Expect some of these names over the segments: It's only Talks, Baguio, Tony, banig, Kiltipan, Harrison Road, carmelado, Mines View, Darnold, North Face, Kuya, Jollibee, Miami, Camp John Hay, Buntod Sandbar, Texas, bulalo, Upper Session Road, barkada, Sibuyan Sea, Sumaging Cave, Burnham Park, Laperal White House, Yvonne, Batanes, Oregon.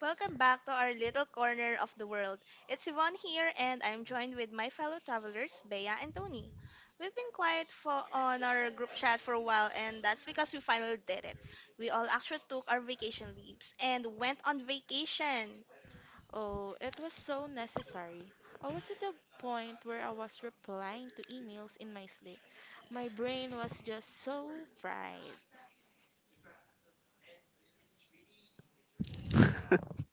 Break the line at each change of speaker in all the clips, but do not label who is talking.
Welcome back to our little corner of the world. It's Yvonne here, and I'm joined with my fellow travelers, Bea and Tony. We've been quiet on our group chat for a while, and that's because we finally did it. We all actually took our vacation leaves and went on vacation.
Oh, it was so necessary. I was at the point where I was replying to emails in my sleep. My brain was just so fried.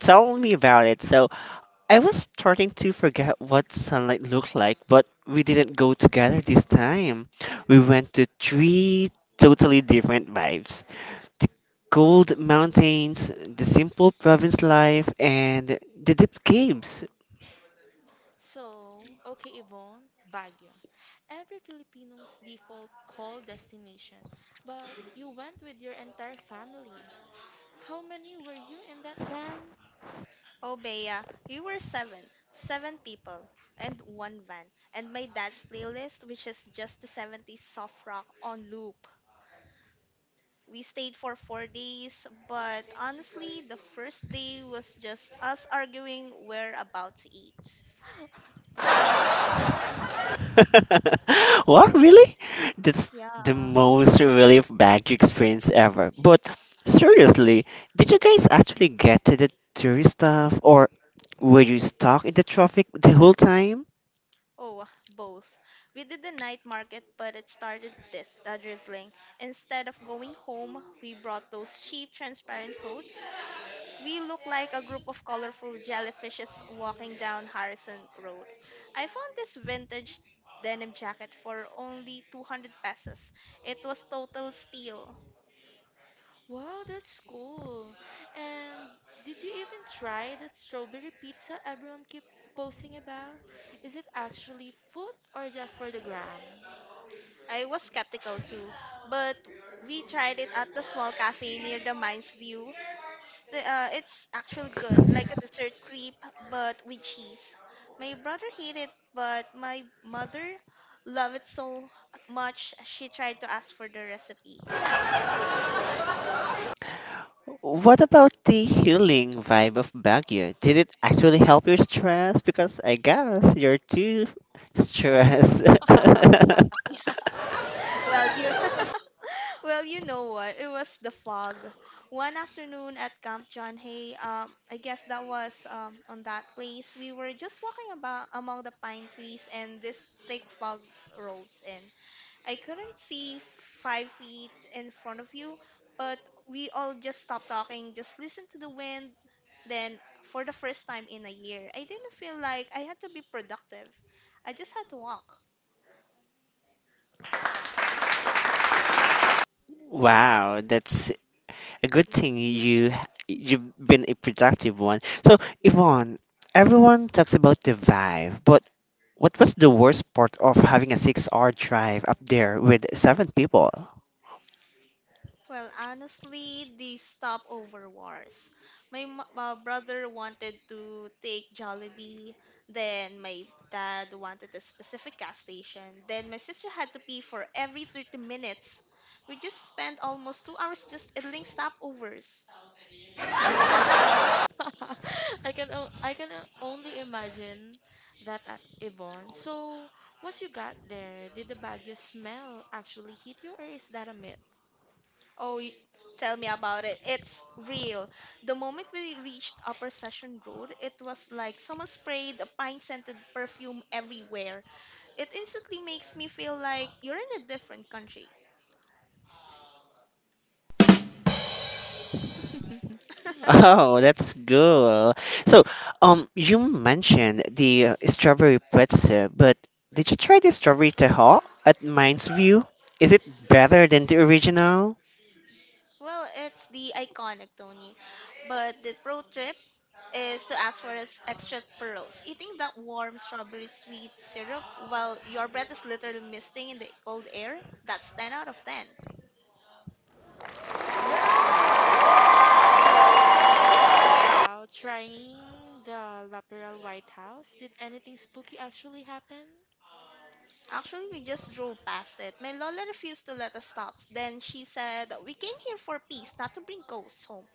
Tell me about it. So I was starting to forget what sunlight looked like, but we didn't go together this time. We went to three totally different vibes. The cold mountains, the simple province life, and the deep caves.
So, okay, Yvonne, Baguio. Every Filipino's default call destination, but you went with your entire family. How many were you in that van?
Oh, Bea, you were seven. Seven people and one van. And my dad's playlist, which is just the 70s soft rock on loop. We stayed for 4 days, but honestly, the first day was just us arguing where about to eat.
What, really? That's the
Yeah.
most relief bag experience ever. But seriously, did you guys actually get to the tourist stuff or were you stuck in the traffic the whole time?
Oh, both. We did the night market, but it started this drizzling. Instead of going home, we brought those cheap transparent coats. We looked like a group of colorful jellyfishes walking down Harrison Road. I found this vintage denim jacket for only 200 pesos. It was total steal.
Wow, that's cool. And did you even try that strawberry pizza everyone keep posting about? Is it actually food or just for the gram?
I was skeptical too, but we tried it at the small cafe near the Mines View. It's actually good, like a dessert crepe, but with cheese. My brother hated it, but my mother loved it so much she tried to ask for the recipe.
What about the healing vibe of Baguio? Did it actually help your stress? Because I guess you're too stressed.
Well, you Well, you know what? It was the fog. One afternoon at Camp John Hay, I guess that was on that place. We were just walking about among the pine trees, and this thick fog rolls in. I couldn't see 5 feet in front of you, but we all just stopped talking, just listened to the wind. Then, for the first time in a year, I didn't feel like I had to be productive. I just had to walk.
Wow, that's a good thing you've been a productive one. So, Yvonne, everyone talks about the vibe, but what was the worst part of having a six-hour drive up there with seven people?
Well, honestly, the stopover wars. My brother wanted to take Jollibee, then my dad wanted a specific gas station, then my sister had to pee for every 30 minutes. We just spent almost 2 hours just idling stopovers.
Only imagine that at Yvonne. So, once you got there, did the Baguio smell actually hit you or is that a myth?
Oh, tell me about it. It's real. The moment we reached Upper Session Road, it was like someone sprayed a pine scented perfume everywhere. It instantly makes me feel like you're in a different country.
Oh, that's good. So, you mentioned the strawberry pretzel, but did you try the strawberry tahoe at Mind's View? Is it better than the original?
Well, it's the iconic Tony, but the pro trip is to ask for his extra pearls. Eating that warm strawberry sweet syrup while your breath is literally misting in the cold air, that's 10 out of 10.
That's nice. So, how about trying the Laperal White House? Did anything spooky actually happen?
Actually, we just drove past it. My Lola refused to let us stop. Then she said, We came here for peace, not to bring ghosts home.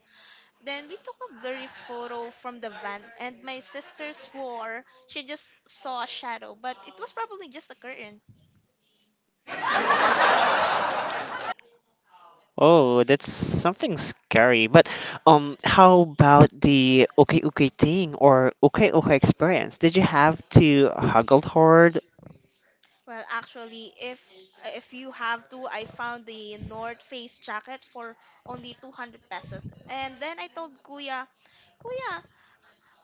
Then we took a blurry photo from the van, and my sister swore she just saw a shadow, but it was probably just a curtain.
Oh, that's something scary. But how about the okay okay thing or okay okay experience? Did you have to huggle hard?
Well, actually, if you have to, I found the North Face jacket for only 200 pesos. And then I told Kuya, Kuya,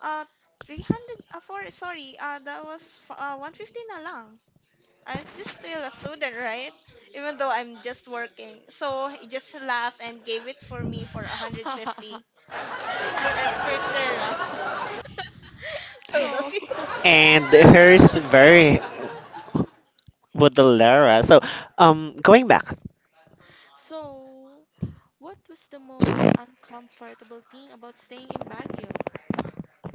uh, 300, for, sorry, that was 150 na lang. I'm just still a student, right? Even though I'm just working. So he just laughed and gave it for me for 150.
You're expert there, ah.
So
So,
And hers
so,
very Baudelaire. So, going back.
so, what was the most uncomfortable thing about staying in Baguio?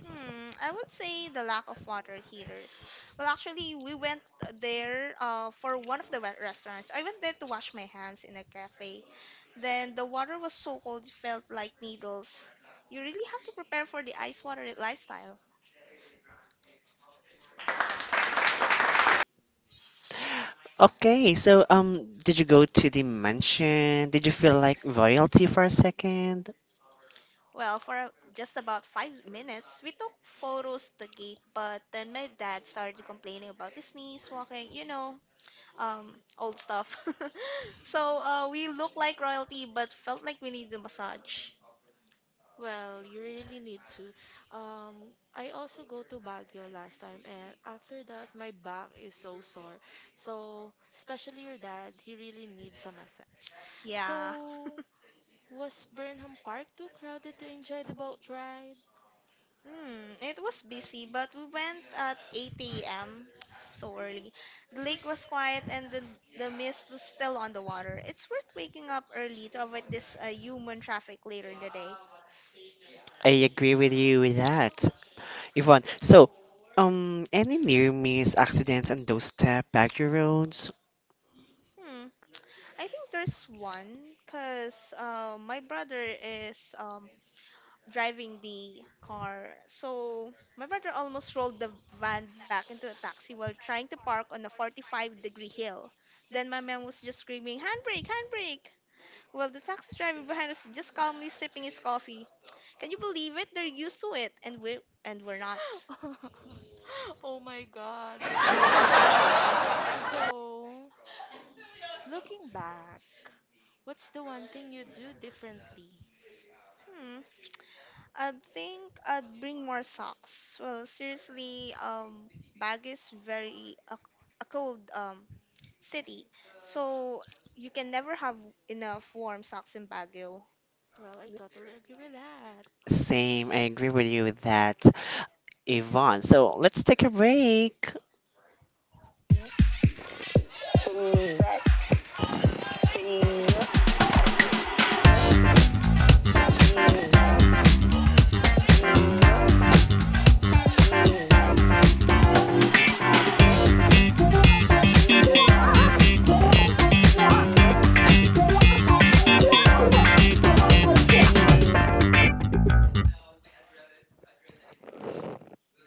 I would say the lack of water heaters. Well, actually, we went there for one of the wet restaurants. I went there to wash my hands in a cafe. Then the water was so cold, it felt like needles. You really have to prepare for the ice water lifestyle.
Okay, so did you go to the mansion? Did you feel like royalty for a second?
Well, for just about 5 minutes, we took photos at the gate, but then my dad started complaining about his knees, walking, old stuff. So we looked like royalty, but felt like we needed a massage.
Well, you really need to. I also go to Baguio last time, and after that, my back is so sore. So, especially your dad, he really needs a massage.
Yeah.
So, was Burnham Park too crowded to enjoy the boat ride?
It was busy, but we went at 8 a.m. so early. The lake was quiet and the mist was still on the water. It's worth waking up early to avoid this human traffic later in the day.
I agree with you with that, Yvonne. So any near miss accidents on those step back roads?
Hmm, I think there's one because my brother is driving the car. So my brother almost rolled the van back into a taxi while trying to park on a 45-degree hill. Then my mom was just screaming, handbrake, handbrake. Well, the taxi driver behind us just calmly sipping his coffee. Can you believe it? They're used to it, and we're not.
Oh my God, I can only imagine. So, looking back, what's the one thing you do differently?
Hmm. I think I'd bring more socks. Well, seriously, Baguio is very a cold city, so you can never have enough warm socks in Baguio.
Well, I totally agree with that.
Same, I agree with you with that. Yvonne. So let's take a break.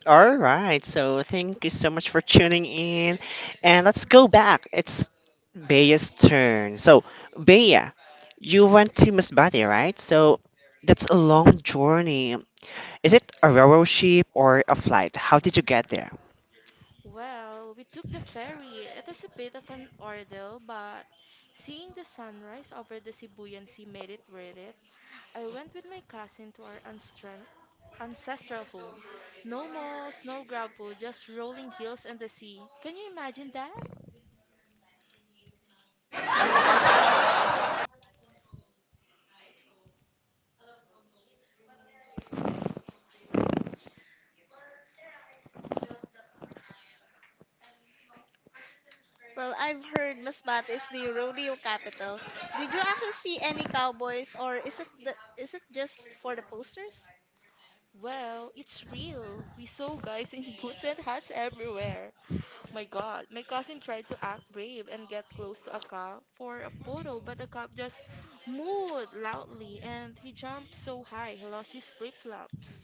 All right. So thank you so much for tuning in. And let's go back. It's Bea's turn. So, Bea, you went to Masbate, right? So that's a long journey. Is it a railroad ship or a flight? How did you get there?
Well, we took the ferry. It was a bit of an ordeal, but seeing the sunrise over the Sibuyan Sea made it worth it. I went with my cousin to our ancestral home. No malls, no grab food, just rolling hills and the sea. Can you imagine that?
Well, I've heard Masbate is the rodeo capital. Did you actually see any cowboys, or is it just for the posters?
Well, it's real. We saw guys in boots and hats everywhere. My God, my cousin tried to act brave and get close to a cop for a photo, but the cop just mooed loudly and he jumped so high he lost his flip-flops.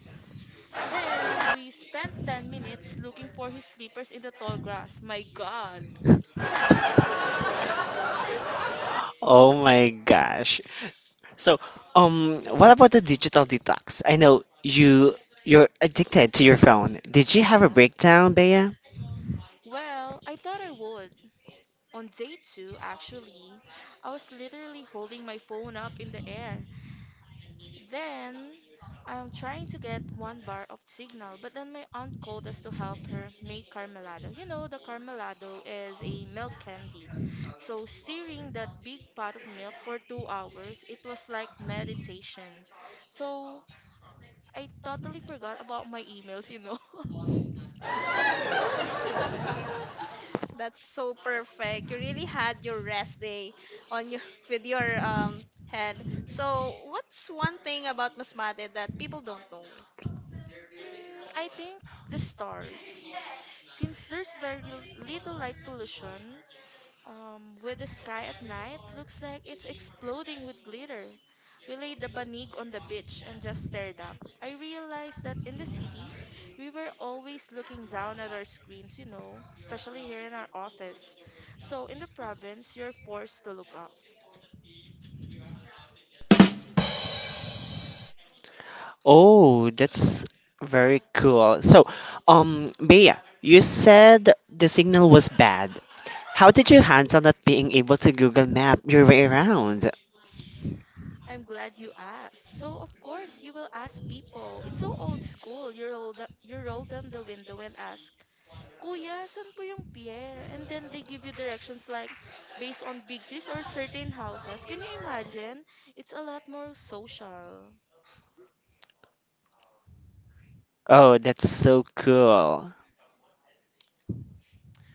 Then we spent 10 minutes looking for his slippers in the tall grass. My God.
Oh my gosh. So, what about the digital detox? I know you're addicted to your phone. Did you have a
Yeah.
breakdown, Bea?
Well, I thought I would. On day 2, actually, I was literally holding my phone up in the air. Then I'm trying to get one bar of signal, but then my aunt called us to help her make carmelado. You know, the carmelado is a milk candy. So stirring that big pot of milk for 2 hours, it was like meditation. So I totally forgot about my emails.
That's so perfect. You really had your rest day on your with your head. So, what's one thing about Masbate that people don't know?
Mm, I think the stars. Since there's very little light pollution, with the sky at night looks like it's exploding with glitter. We laid the banig on the beach and just stared up. I realized that in the city, we were always looking down at our screens, especially here in our office. So in the province, you're forced to look up.
Oh, that's very cool. So, Bea, you said the signal was bad. How did you handle not being able to Google Map your way around?
I'm glad you asked. So of course you will ask people. It's so old school. You roll down the window and ask, Kuya, saan po yung pier? And then they give you directions like based on big trees or certain houses. Can you imagine? It's a lot more social.
Oh, that's so cool.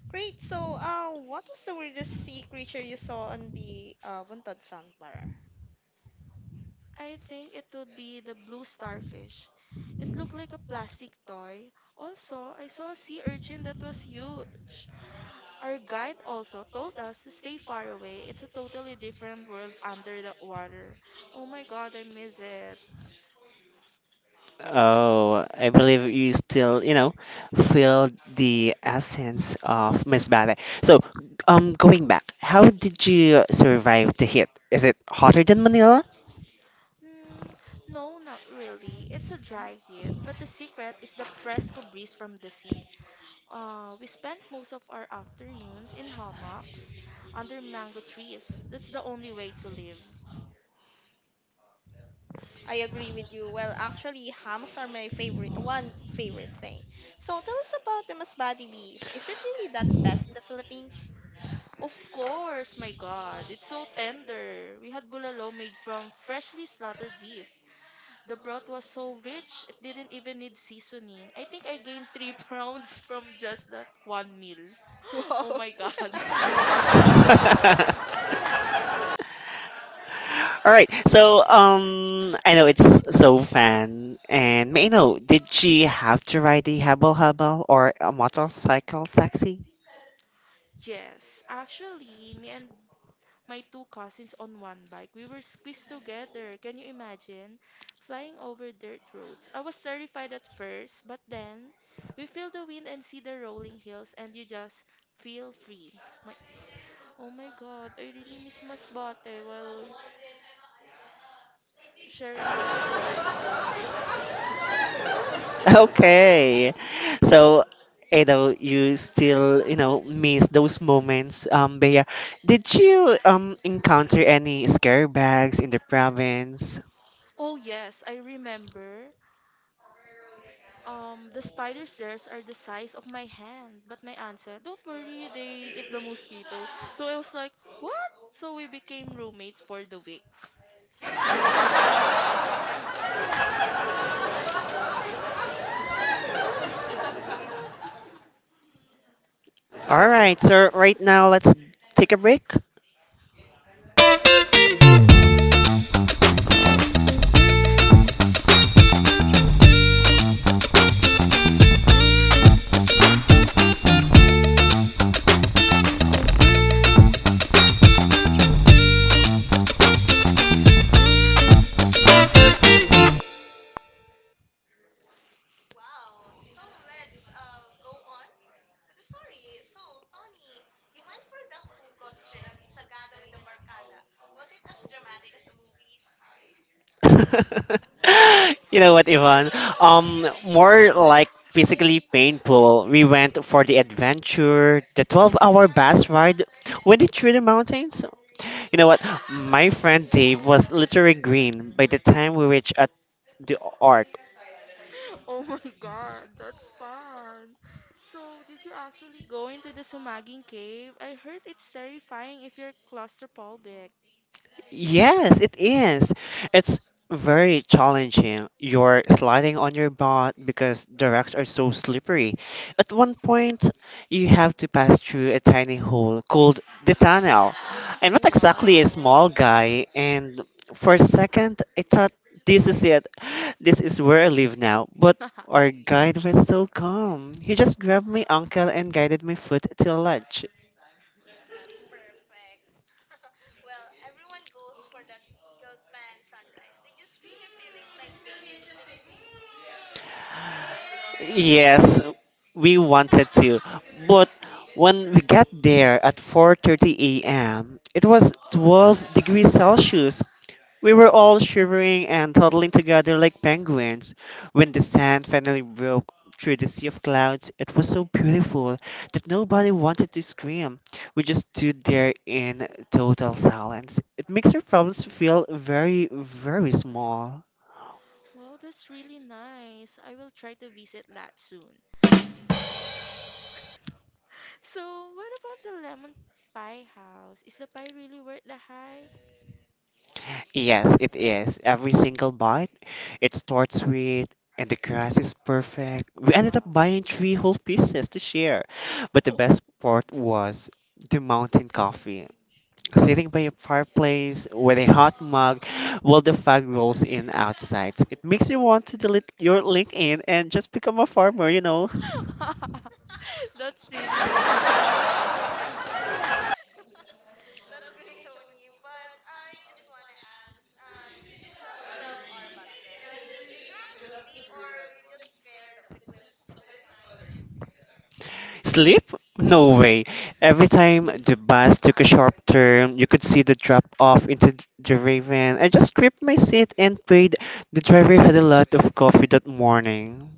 Great. So, what was the weirdest sea creature you saw on the Buntod Sandbar?
I think it would be the blue starfish. It looked like a plastic toy. Also, I saw a sea urchin that was huge. Our guide also told us to stay far away. It's a totally different world under the water. Oh my god, I miss it.
Oh, I believe you still, you know, feel the essence of Miss Ballet. So, going back, how did you survive the heat? Is it hotter than Manila?
Mm, no, not really. It's a dry heat, but the secret is the fresco breeze from the sea. We spent most of our afternoons in hammocks under mango trees. That's the only way to live.
I agree with you. Well, actually, hams are my favorite thing. So, tell us about the Masbate beef. Is it really that best in the Philippines?
Of course, my God, it's so tender. We had bulalo made from freshly slaughtered beef. The broth was so rich, it didn't even need seasoning. I think I gained 3 pounds from just that one meal. Oh my God.
Wow.
All right. So, I know it's so fun, and may I know, did she have to ride the hubble hubble or a motorcycle taxi?
Yes, actually, me and my two cousins on one bike. We were squeezed together. Can you imagine? Flying over dirt roads. I was terrified at first, but then we feel the wind and see the rolling hills, and you just feel free. Oh my God, I really miss Masbate while sharing these stories.
Okay. So, I know you still, you know, miss those moments. Bea, did you encounter any scare bags in the province?
Oh yes, I remember. The spiders there are the size of my hand, but my aunt said, "Don't worry, they eat the mosquito." So I was like, "What?" So we became roommates for the week.
All right. So right now, let's take a break. You know what, Ivan? More like physically painful. We went for the adventure, the 12-hour bus ride, went it through the mountains. You know what? My friend Dave was literally green by the time we reached at the arc.
Oh my God, that's fun. So, did you actually go into the Sumaging Cave? I heard it's terrifying if you're claustrophobic.
Yes, it is. It's very challenging. You're sliding on your butt because the rocks are so slippery. At one point, you have to pass through a tiny hole called the tunnel. I'm not
Oh,
exactly a
wow.
small guy, and for a second, I thought this is it. This is where I live now. But our guide was so calm. He just grabbed my ankle and guided my foot to a ledge. Yes, we wanted to, but when we got there at 4:30 a.m., it was 12 degrees Celsius. We were
Wow.
all shivering and huddling together like penguins. When the sand finally broke through the sea of clouds, it was so beautiful that nobody wanted to scream. We just stood there in total silence. It makes your problems feel very, very small.
Wow, that's really nice. I will try to visit that soon. S- So, what about the lemon pie house? Is the pie really worth the hype?
Yes, it is. Every single bite, it starts with, and the grass is perfect. We ended up
Wow.
buying three whole pieces to share. But the best part was the mountain coffee. Sitting by a fireplace with a hot mug while the fog rolls in outside. It makes you want to delete your LinkedIn and just become a farmer, you know?
That's really fun.
Sleep? No way. Every time the bus took a sharp turn, you could see the drop off into the raven. I just gripped my seat and prayed the driver had a lot of coffee that morning.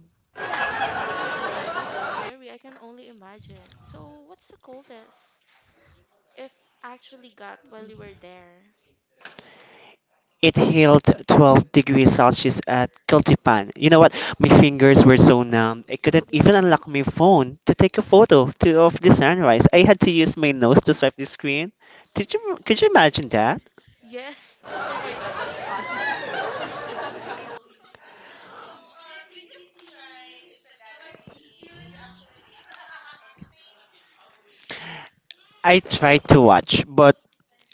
My God, that's scary. I can only imagine. So, what's the coldest if actually got while you were there?
It held 12 degrees Celsius at Cultipan. You know what? My fingers were so numb. I couldn't
Yeah.
even unlock my phone to take a photo to, of the sunrise. I had to use my nose to swipe the screen. Did you, could you imagine that?
Yes. Oh my God, that's funny.
I tried to watch, but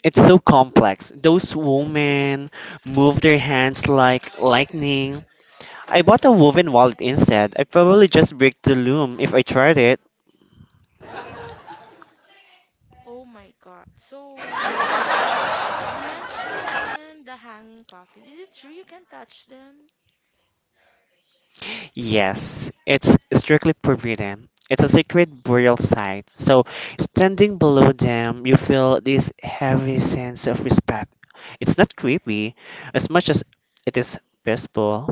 it's so complex. Those women move their hands like lightning. I bought a woven wallet instead. I'd probably just break the loom if I tried it.
Oh my God. So, you mentioned the hanging coffin. Is it true you can touch them?
Yes, it's strictly forbidden. It's a sacred burial site. So, standing below them, you feel this heavy sense of respect. It's not creepy as much as it is peaceful.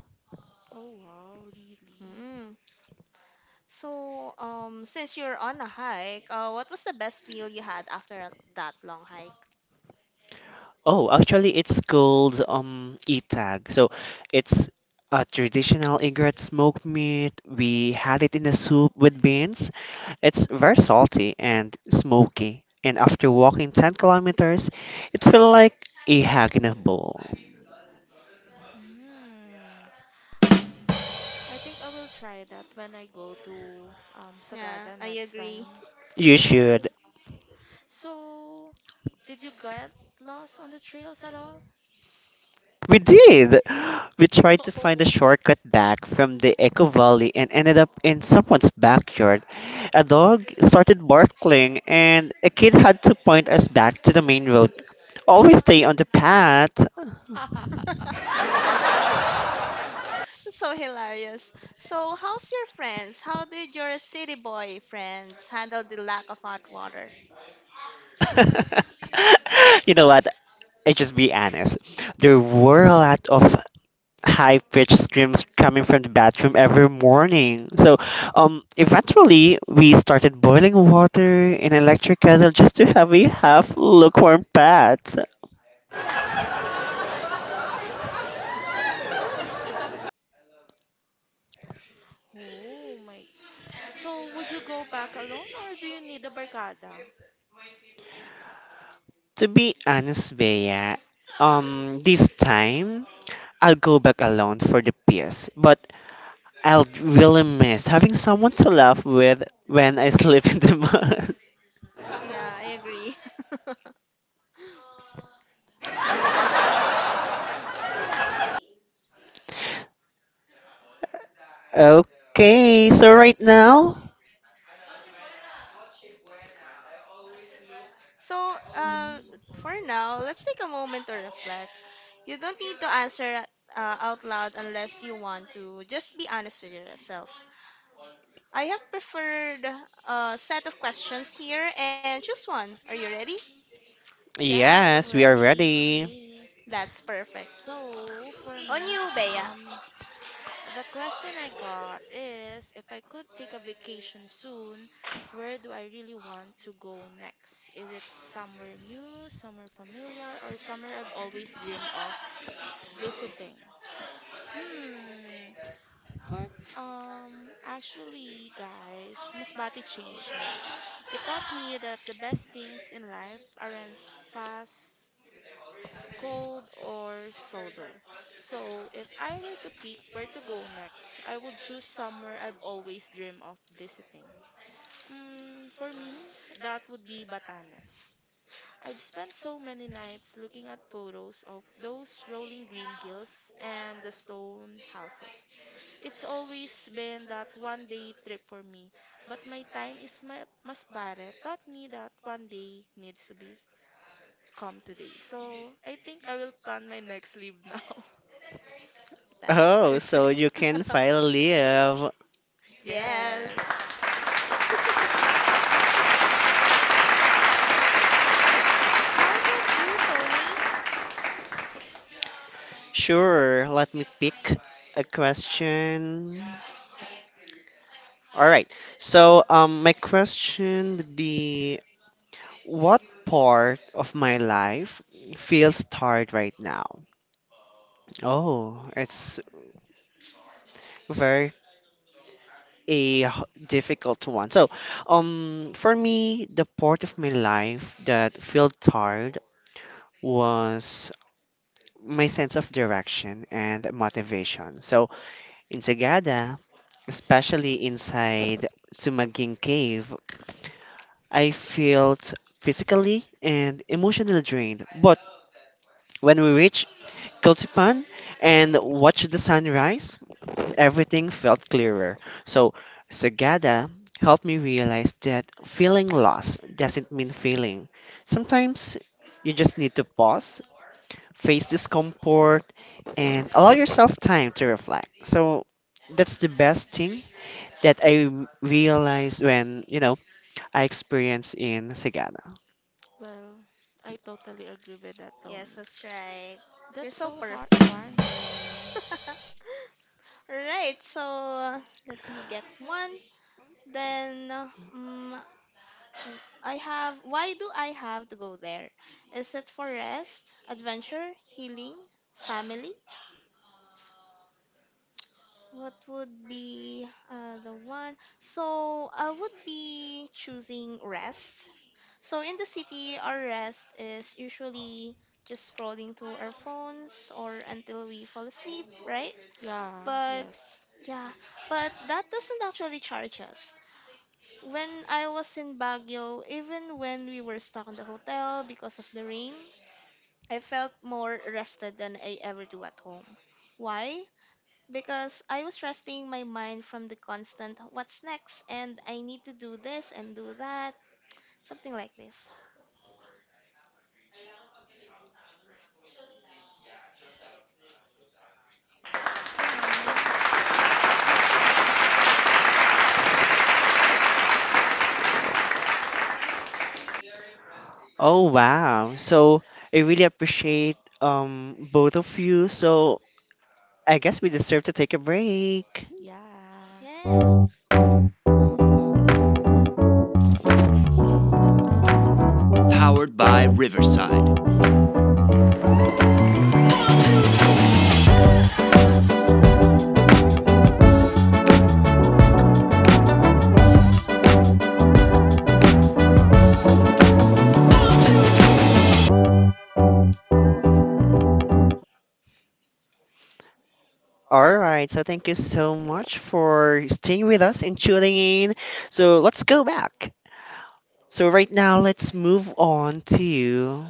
Oh wow, really?
So, since you're on a hike, what was the best meal you had after that long hike?
Oh, actually, it's called itag. So it's a traditional egret smoked meat. We had it in a soup with beans. It's very salty and smoky. And after walking 10 kilometers, it felt like a hag in a bowl.
Mm. I think I will try that when I go to
Yeah,
Sagada
I
next
agree.
time.
You
Yeah,
should.
diba? So, did you get lost on the trails at all?
We did. We tried to find a
Oh.
shortcut back from the Echo Valley and ended up in someone's backyard. A dog started barking, and a kid had to point us back to the main road. Always stay on the path.
So hilarious. So, how's your friends? How did your city boy friends handle the lack of hot water?
You know what? I just be honest. There were a lot of high pitched screams coming from the bathroom every morning. So, eventually, we started boiling water in an electric kettle just to have a half lukewarm bath.
Oh my. So, would you go back alone or do you need a barkada?
To be honest, Bea, this time I'll go back alone for the piss, but I'll really miss having someone to laugh with when I sleep in the mud.
Yeah, I agree.
Okay, so right now,
So, for now, let's take a moment to reflect. You don't need to answer out loud unless you want to. Just be honest with yourself. I have preferred a set of questions here and choose one. Are you ready?
Yes, I'm
yes, we are ready.
ready.
That's perfect.
So, for me,
On you, Bea.
um, the question I got is if I could take a vacation soon, where do I really want to go next? Is it somewhere new, somewhere familiar, or somewhere I've always dreamed of visiting? Hmm. For actually guys, Masbate changed me. It taught me that the best things in life aren't fast, cold or solo. So if I were to pick where to go next, I would choose somewhere I've always dreamed of visiting. Mm, for me, that would be Batanes. I've spent so many nights looking at photos of those rolling green hills and the stone houses. It's always been that one day trip for me, but my time is my masbare taught me that one day needs to be come today. So I think I will plan my next leave now.
That's
Oh, so
perfect.
you can finally live.
Yes.
Yes.
How about you, Tony?
Sure, let me pick a question. All right. So, my question would be, what part of my life feels tired right now? Oh, it's very a h- difficult one. So, for me, the part of my life that felt tired was my sense of direction and motivation. So, in Sagada, especially inside Sumaging Cave, I felt physically and emotionally drained. But when we reached Kiltipan and watched the sunrise, everything felt clearer. So Sagada helped me realize that feeling lost doesn't mean failing. Sometimes you just need to pause, face discomfort, and allow yourself time to reflect. So that's the best thing that realized when, you know, I experienced in Sagana.
Well, I totally agree with that,
Yes,
Tony.
that's right. You're
That's
so
so
perfect.
heartwarming.
Alright, so let me get one. Then mm I have. Why do I have to go there? Is it for rest, adventure, healing, family, what would be the one? So I would be choosing rest. So in the city, our rest is usually just scrolling through our phones or until we fall asleep, right?
Yeah,
But
yes.
yeah, but that doesn't actually charge us. When I was in Baguio, even when we were stuck in the hotel because of the rain, I felt more rested than I ever do at home. Why? Because I was resting my mind from the constant what's next and I need to do this and do that, something like this.
Oh, that's really sweet.
Oh wow. So I really appreciate both of you. So I guess we deserve to take a break.
Yeah.
Yes.
All right. So thank you so much for staying with us and tuning in. So let's go back. So right now let's move on to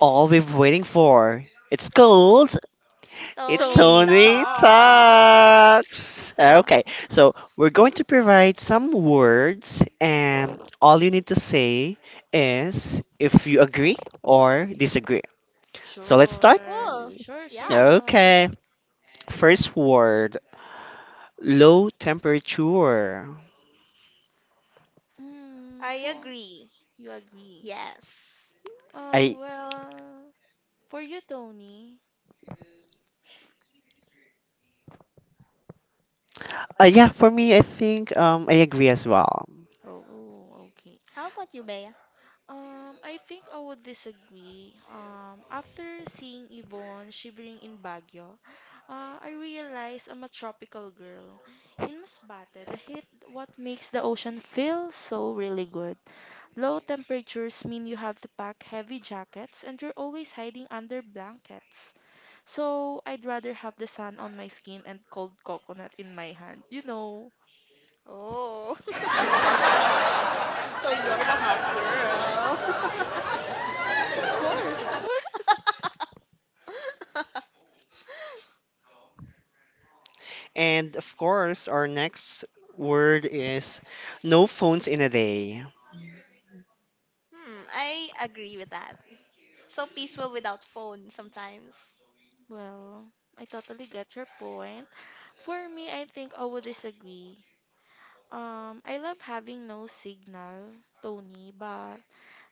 all we've waiting for. It's called It's
Tony
Tony
only
talk.
Talk!
Talks! Okay, so we're going to provide some words, and all you need to say is if you agree or disagree. So let's start.
Sure.
Cool.
Sure,
Yeah,
sure.
Okay, first word low temperature.
Hmm,
I
for
agree.
you agree.
Yes.
Uh,
I,
well, for you, Tony.
yeah, for me, I think I agree as well.
Oh, oh, okay.
How about you, Bea?
I think I would disagree. After seeing Yvonne shivering in Baguio, I realized I'm a tropical girl. In Masbate, the heat, what makes the ocean feel so really good. Low temperatures mean you have to pack heavy jackets and you're always hiding under blankets. So I'd rather have the sun on my skin and cold coconut in my hand. You know,
Oh, so you're the hot girl.
of course.
And of course, our next word is no phones in a day.
I agree with that. So peaceful without phone sometimes.
Well, I totally get your point. For me, I think I would disagree. I love having no signal, Tony, but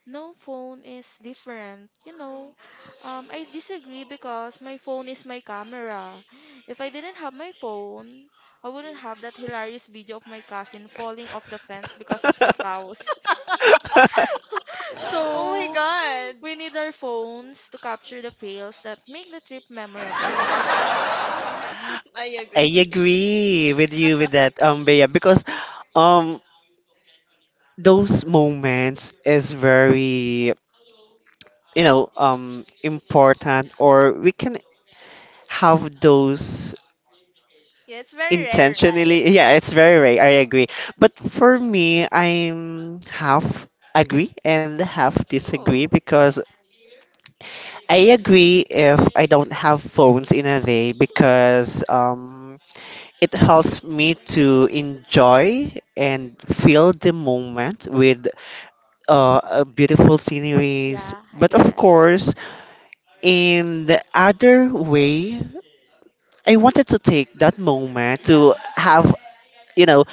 no phone is different. I disagree because my phone is my camera. If I didn't have my phone, I wouldn't have that hilarious video of my cousin falling off the fence because of the cows.
Oh my
So
god.
we need our phones to capture the fails that make the trip memorable.
Mm, I agree.
I agree with you with that, Bea, because um those moments is very you know important or we can have those
Yeah, it's very rare, right?
intentionally. Yeah, it's very rare. I agree. But for me, I'm half agree and half disagree
Oh.
because I agree if I don't have phones in a day because it helps me to enjoy and feel the moment with a beautiful sceneries.
Yeah, I
But
get
of
it.
course, in the other way, I wanted to take that moment
Yeah,
to
yeah,
have, you know,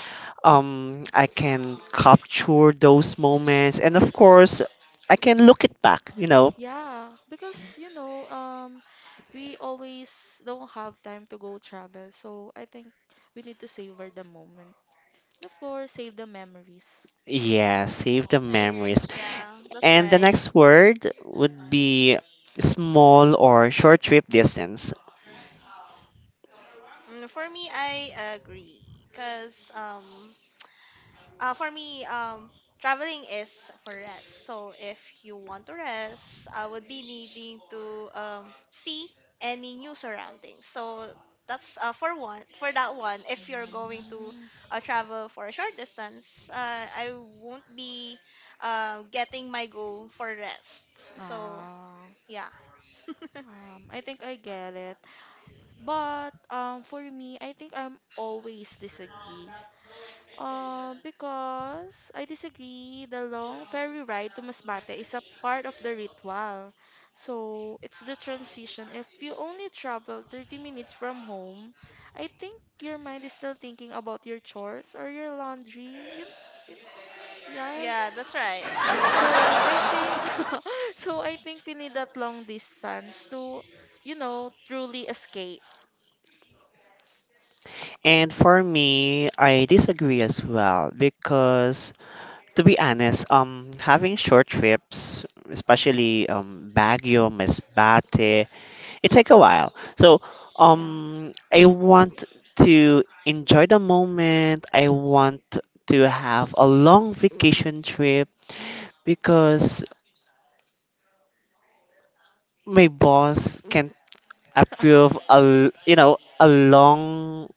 I can capture those moments, and of course, I can look it back. You know,
yeah. Because, we always don't have time to go travel. So I think we need to savor the moment. And of course, save the memories.
yeah, save the
I agree.
memories.
Yeah, that's
And the
right.
next word would be small or short trip distance.
For me, I agree. Cause for me, traveling is for rest. So if you want to rest, I would be needing to see any new surroundings. So that's for one. For that one, if you're going to
Mm,
travel for a short distance, I won't be getting my goal for rest. So
ah,
yeah,
I think I get it. But for me, I think I'm always disagree. Because I disagree, the long ferry ride to Masbate is a part of the ritual. So it's the transition. If you only travel 30 minutes from home, I think your mind is still thinking about your chores or your laundry. You, yes.
yeah, that's right.
So I
That's
think
one.
so I think we need that long distance to, truly escape.
And for me, I disagree as well because, to be honest, having short trips, especially Baguio, Masbate, it take a while. So,
Yeah.
I want to enjoy the moment. I want to have a long vacation trip because my boss can approve you know, a long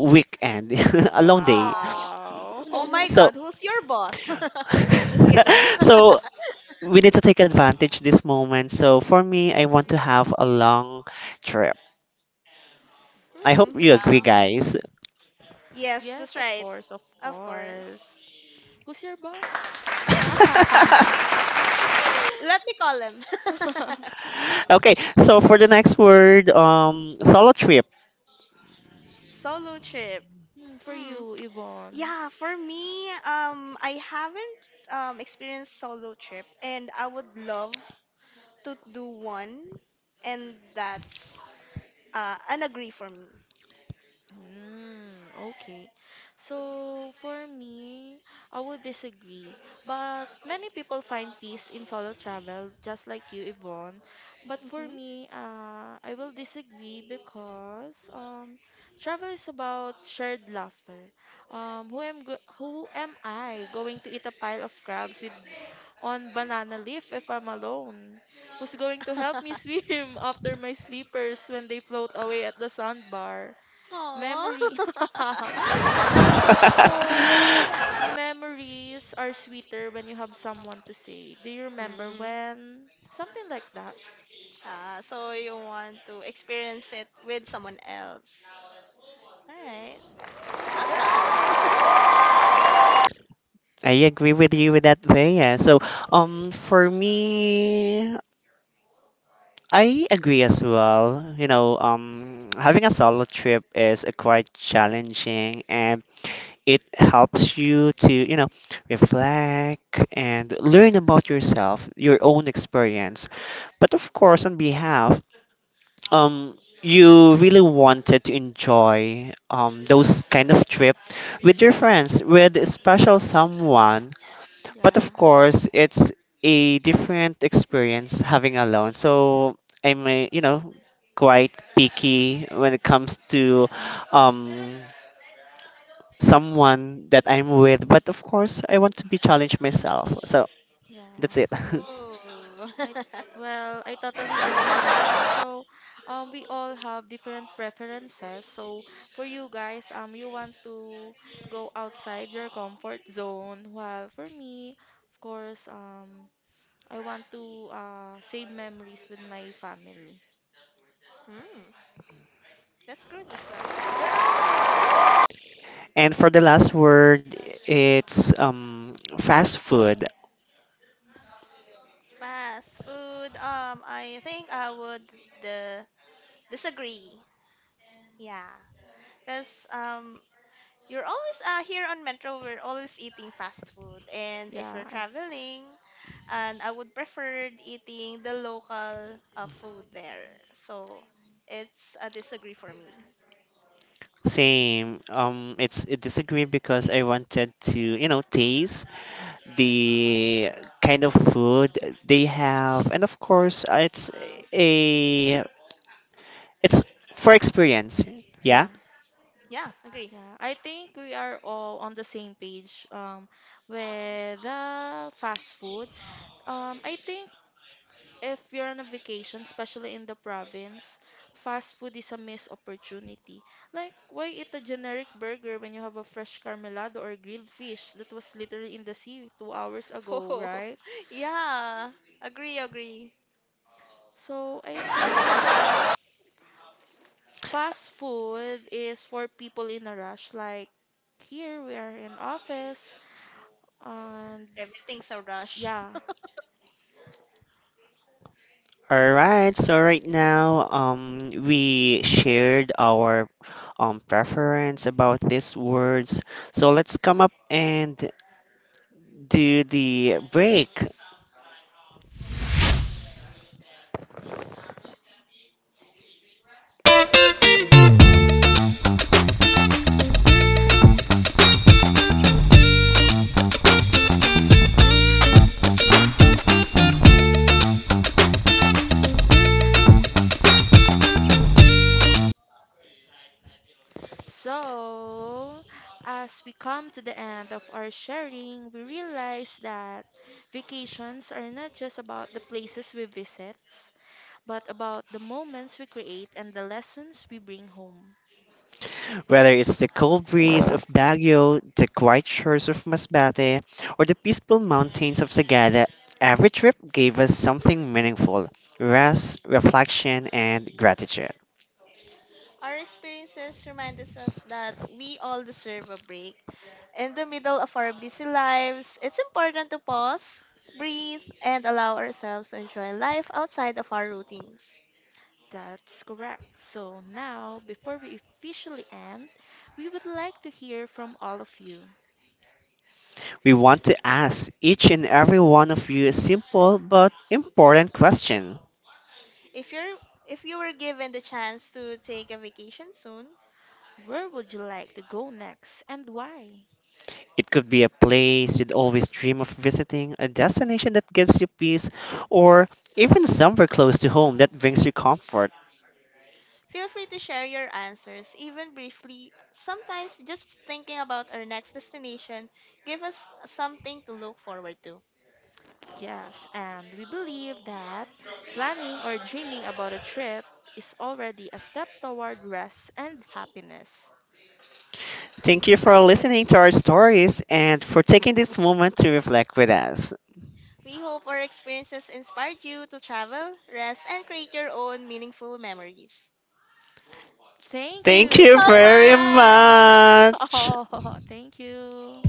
weekend, a long day.
Oh,
Wow.
oh, my
So
God, who's your boss? Just kidding.
so we need to take advantage this moment. So for me, I want to have a long trip. I
Hmm,
hope you agree,
yeah.
No.
guys.
Yes,
Yes,
that's
of
right.
course, of
Of course.
course. Who's your boss?
Let me call him.
Okay, so for the next word, solo trip.
Solo trip.
Hmm, for
Hmm.
you, Yvonne.
Yeah, for me, I haven't experienced solo trip, and I would love to do one, and that's an agree for me.
Mm, okay. So for me, I would disagree. But many people find peace in solo travel, just like you, Yvonne. But for
Hmm
me, I will disagree because travel is about shared laughter. Who am I going to eat a pile of crabs with on banana leaf if I'm alone? Who's going to help me swim after my sleepers when they float away at the sandbar?
Aww.
Memory. Um, so memories are sweeter when you have someone to say, "Do you remember
Mm.
when?" Something like that.
Ah, so you want to experience it with someone else. All right. Not bad.
I agree with you with that way. Yeah. So, for me, I agree as well. You know, having a solo trip is quite challenging, and it helps you to, you know, reflect and learn about yourself, your own experience. But of course, on behalf, um, you really wanted to enjoy those kind of trip with your friends, with a special someone. But
Yeah.
of course, it's a different experience having alone. So I'm, a, you know, quite picky when it comes to um, someone that I'm with, but of course, I want to be challenged myself. So that's
Yeah.
it.
Ooh.
I well, I totally understand that. So, we all have different preferences. So, for you guys, you want to go outside your comfort zone. While for me, of course, I want to save memories with my family.
Hmm. That's good as well.
And for the last word, it's fast food.
Fast food. I think I would uh, disagree. Yeah, because you're always here on Metro. We're always eating fast food, and if
Yeah,
you're traveling, and I would prefer eating the local food there. So it's a disagree for me.
Same. It's it disagree because I wanted to you know taste the kind of food they have, and of course, it's a it's for experience. Yeah.
yeah,
Yeah, agree.
yeah. I think we are all on the same page with the fast food. I think if you're on a vacation, especially in the province, fast food is a missed opportunity. Like, why eat a generic burger when you have a fresh carmelado or grilled fish that was literally in the sea 2 hours ago,
Oh,
right?
yeah, agree, agree.
So I think fast food is for people in a rush. Like, here we are in office. And
Everything's a rush.
yeah,
All right, so right now, we shared our preference about these words. So let's come up and do the break.
so as we come to the end of our sharing, we realize that vacations are not just about the places we visit, but about the moments we create and the lessons we bring home.
Whether it's the cold breeze of Baguio, the quiet shores of Masbate, or the peaceful mountains of Sagada, every trip gave us something meaningful. Rest, reflection, and gratitude.
Our experiences remind us that we all deserve a break. In the middle of our busy lives, it's important to pause, breathe, and allow ourselves to enjoy life outside of our routines.
That's correct. So now, before we officially end, we would like to hear from all of you.
We want to ask each and every one of you a simple but important question.
If you're if you were given the chance to take a vacation soon,
Where would you like to go next and why?
It could be a place you'd always dream of visiting, a destination that gives you peace, or even somewhere close to home that brings you comfort.
feel free to share your answers, even briefly. Sometimes just thinking about our next destination give us something to look forward to.
Yes, and we believe that planning or dreaming about a trip is already a step toward rest and happiness.
Thank you for listening to our stories and for taking this moment to reflect with us.
We hope our experiences inspired you to travel, rest, and create your own meaningful memories.
Thank
Thank
you
you
So
very
very
much.
much.
much.
Oh, thank you.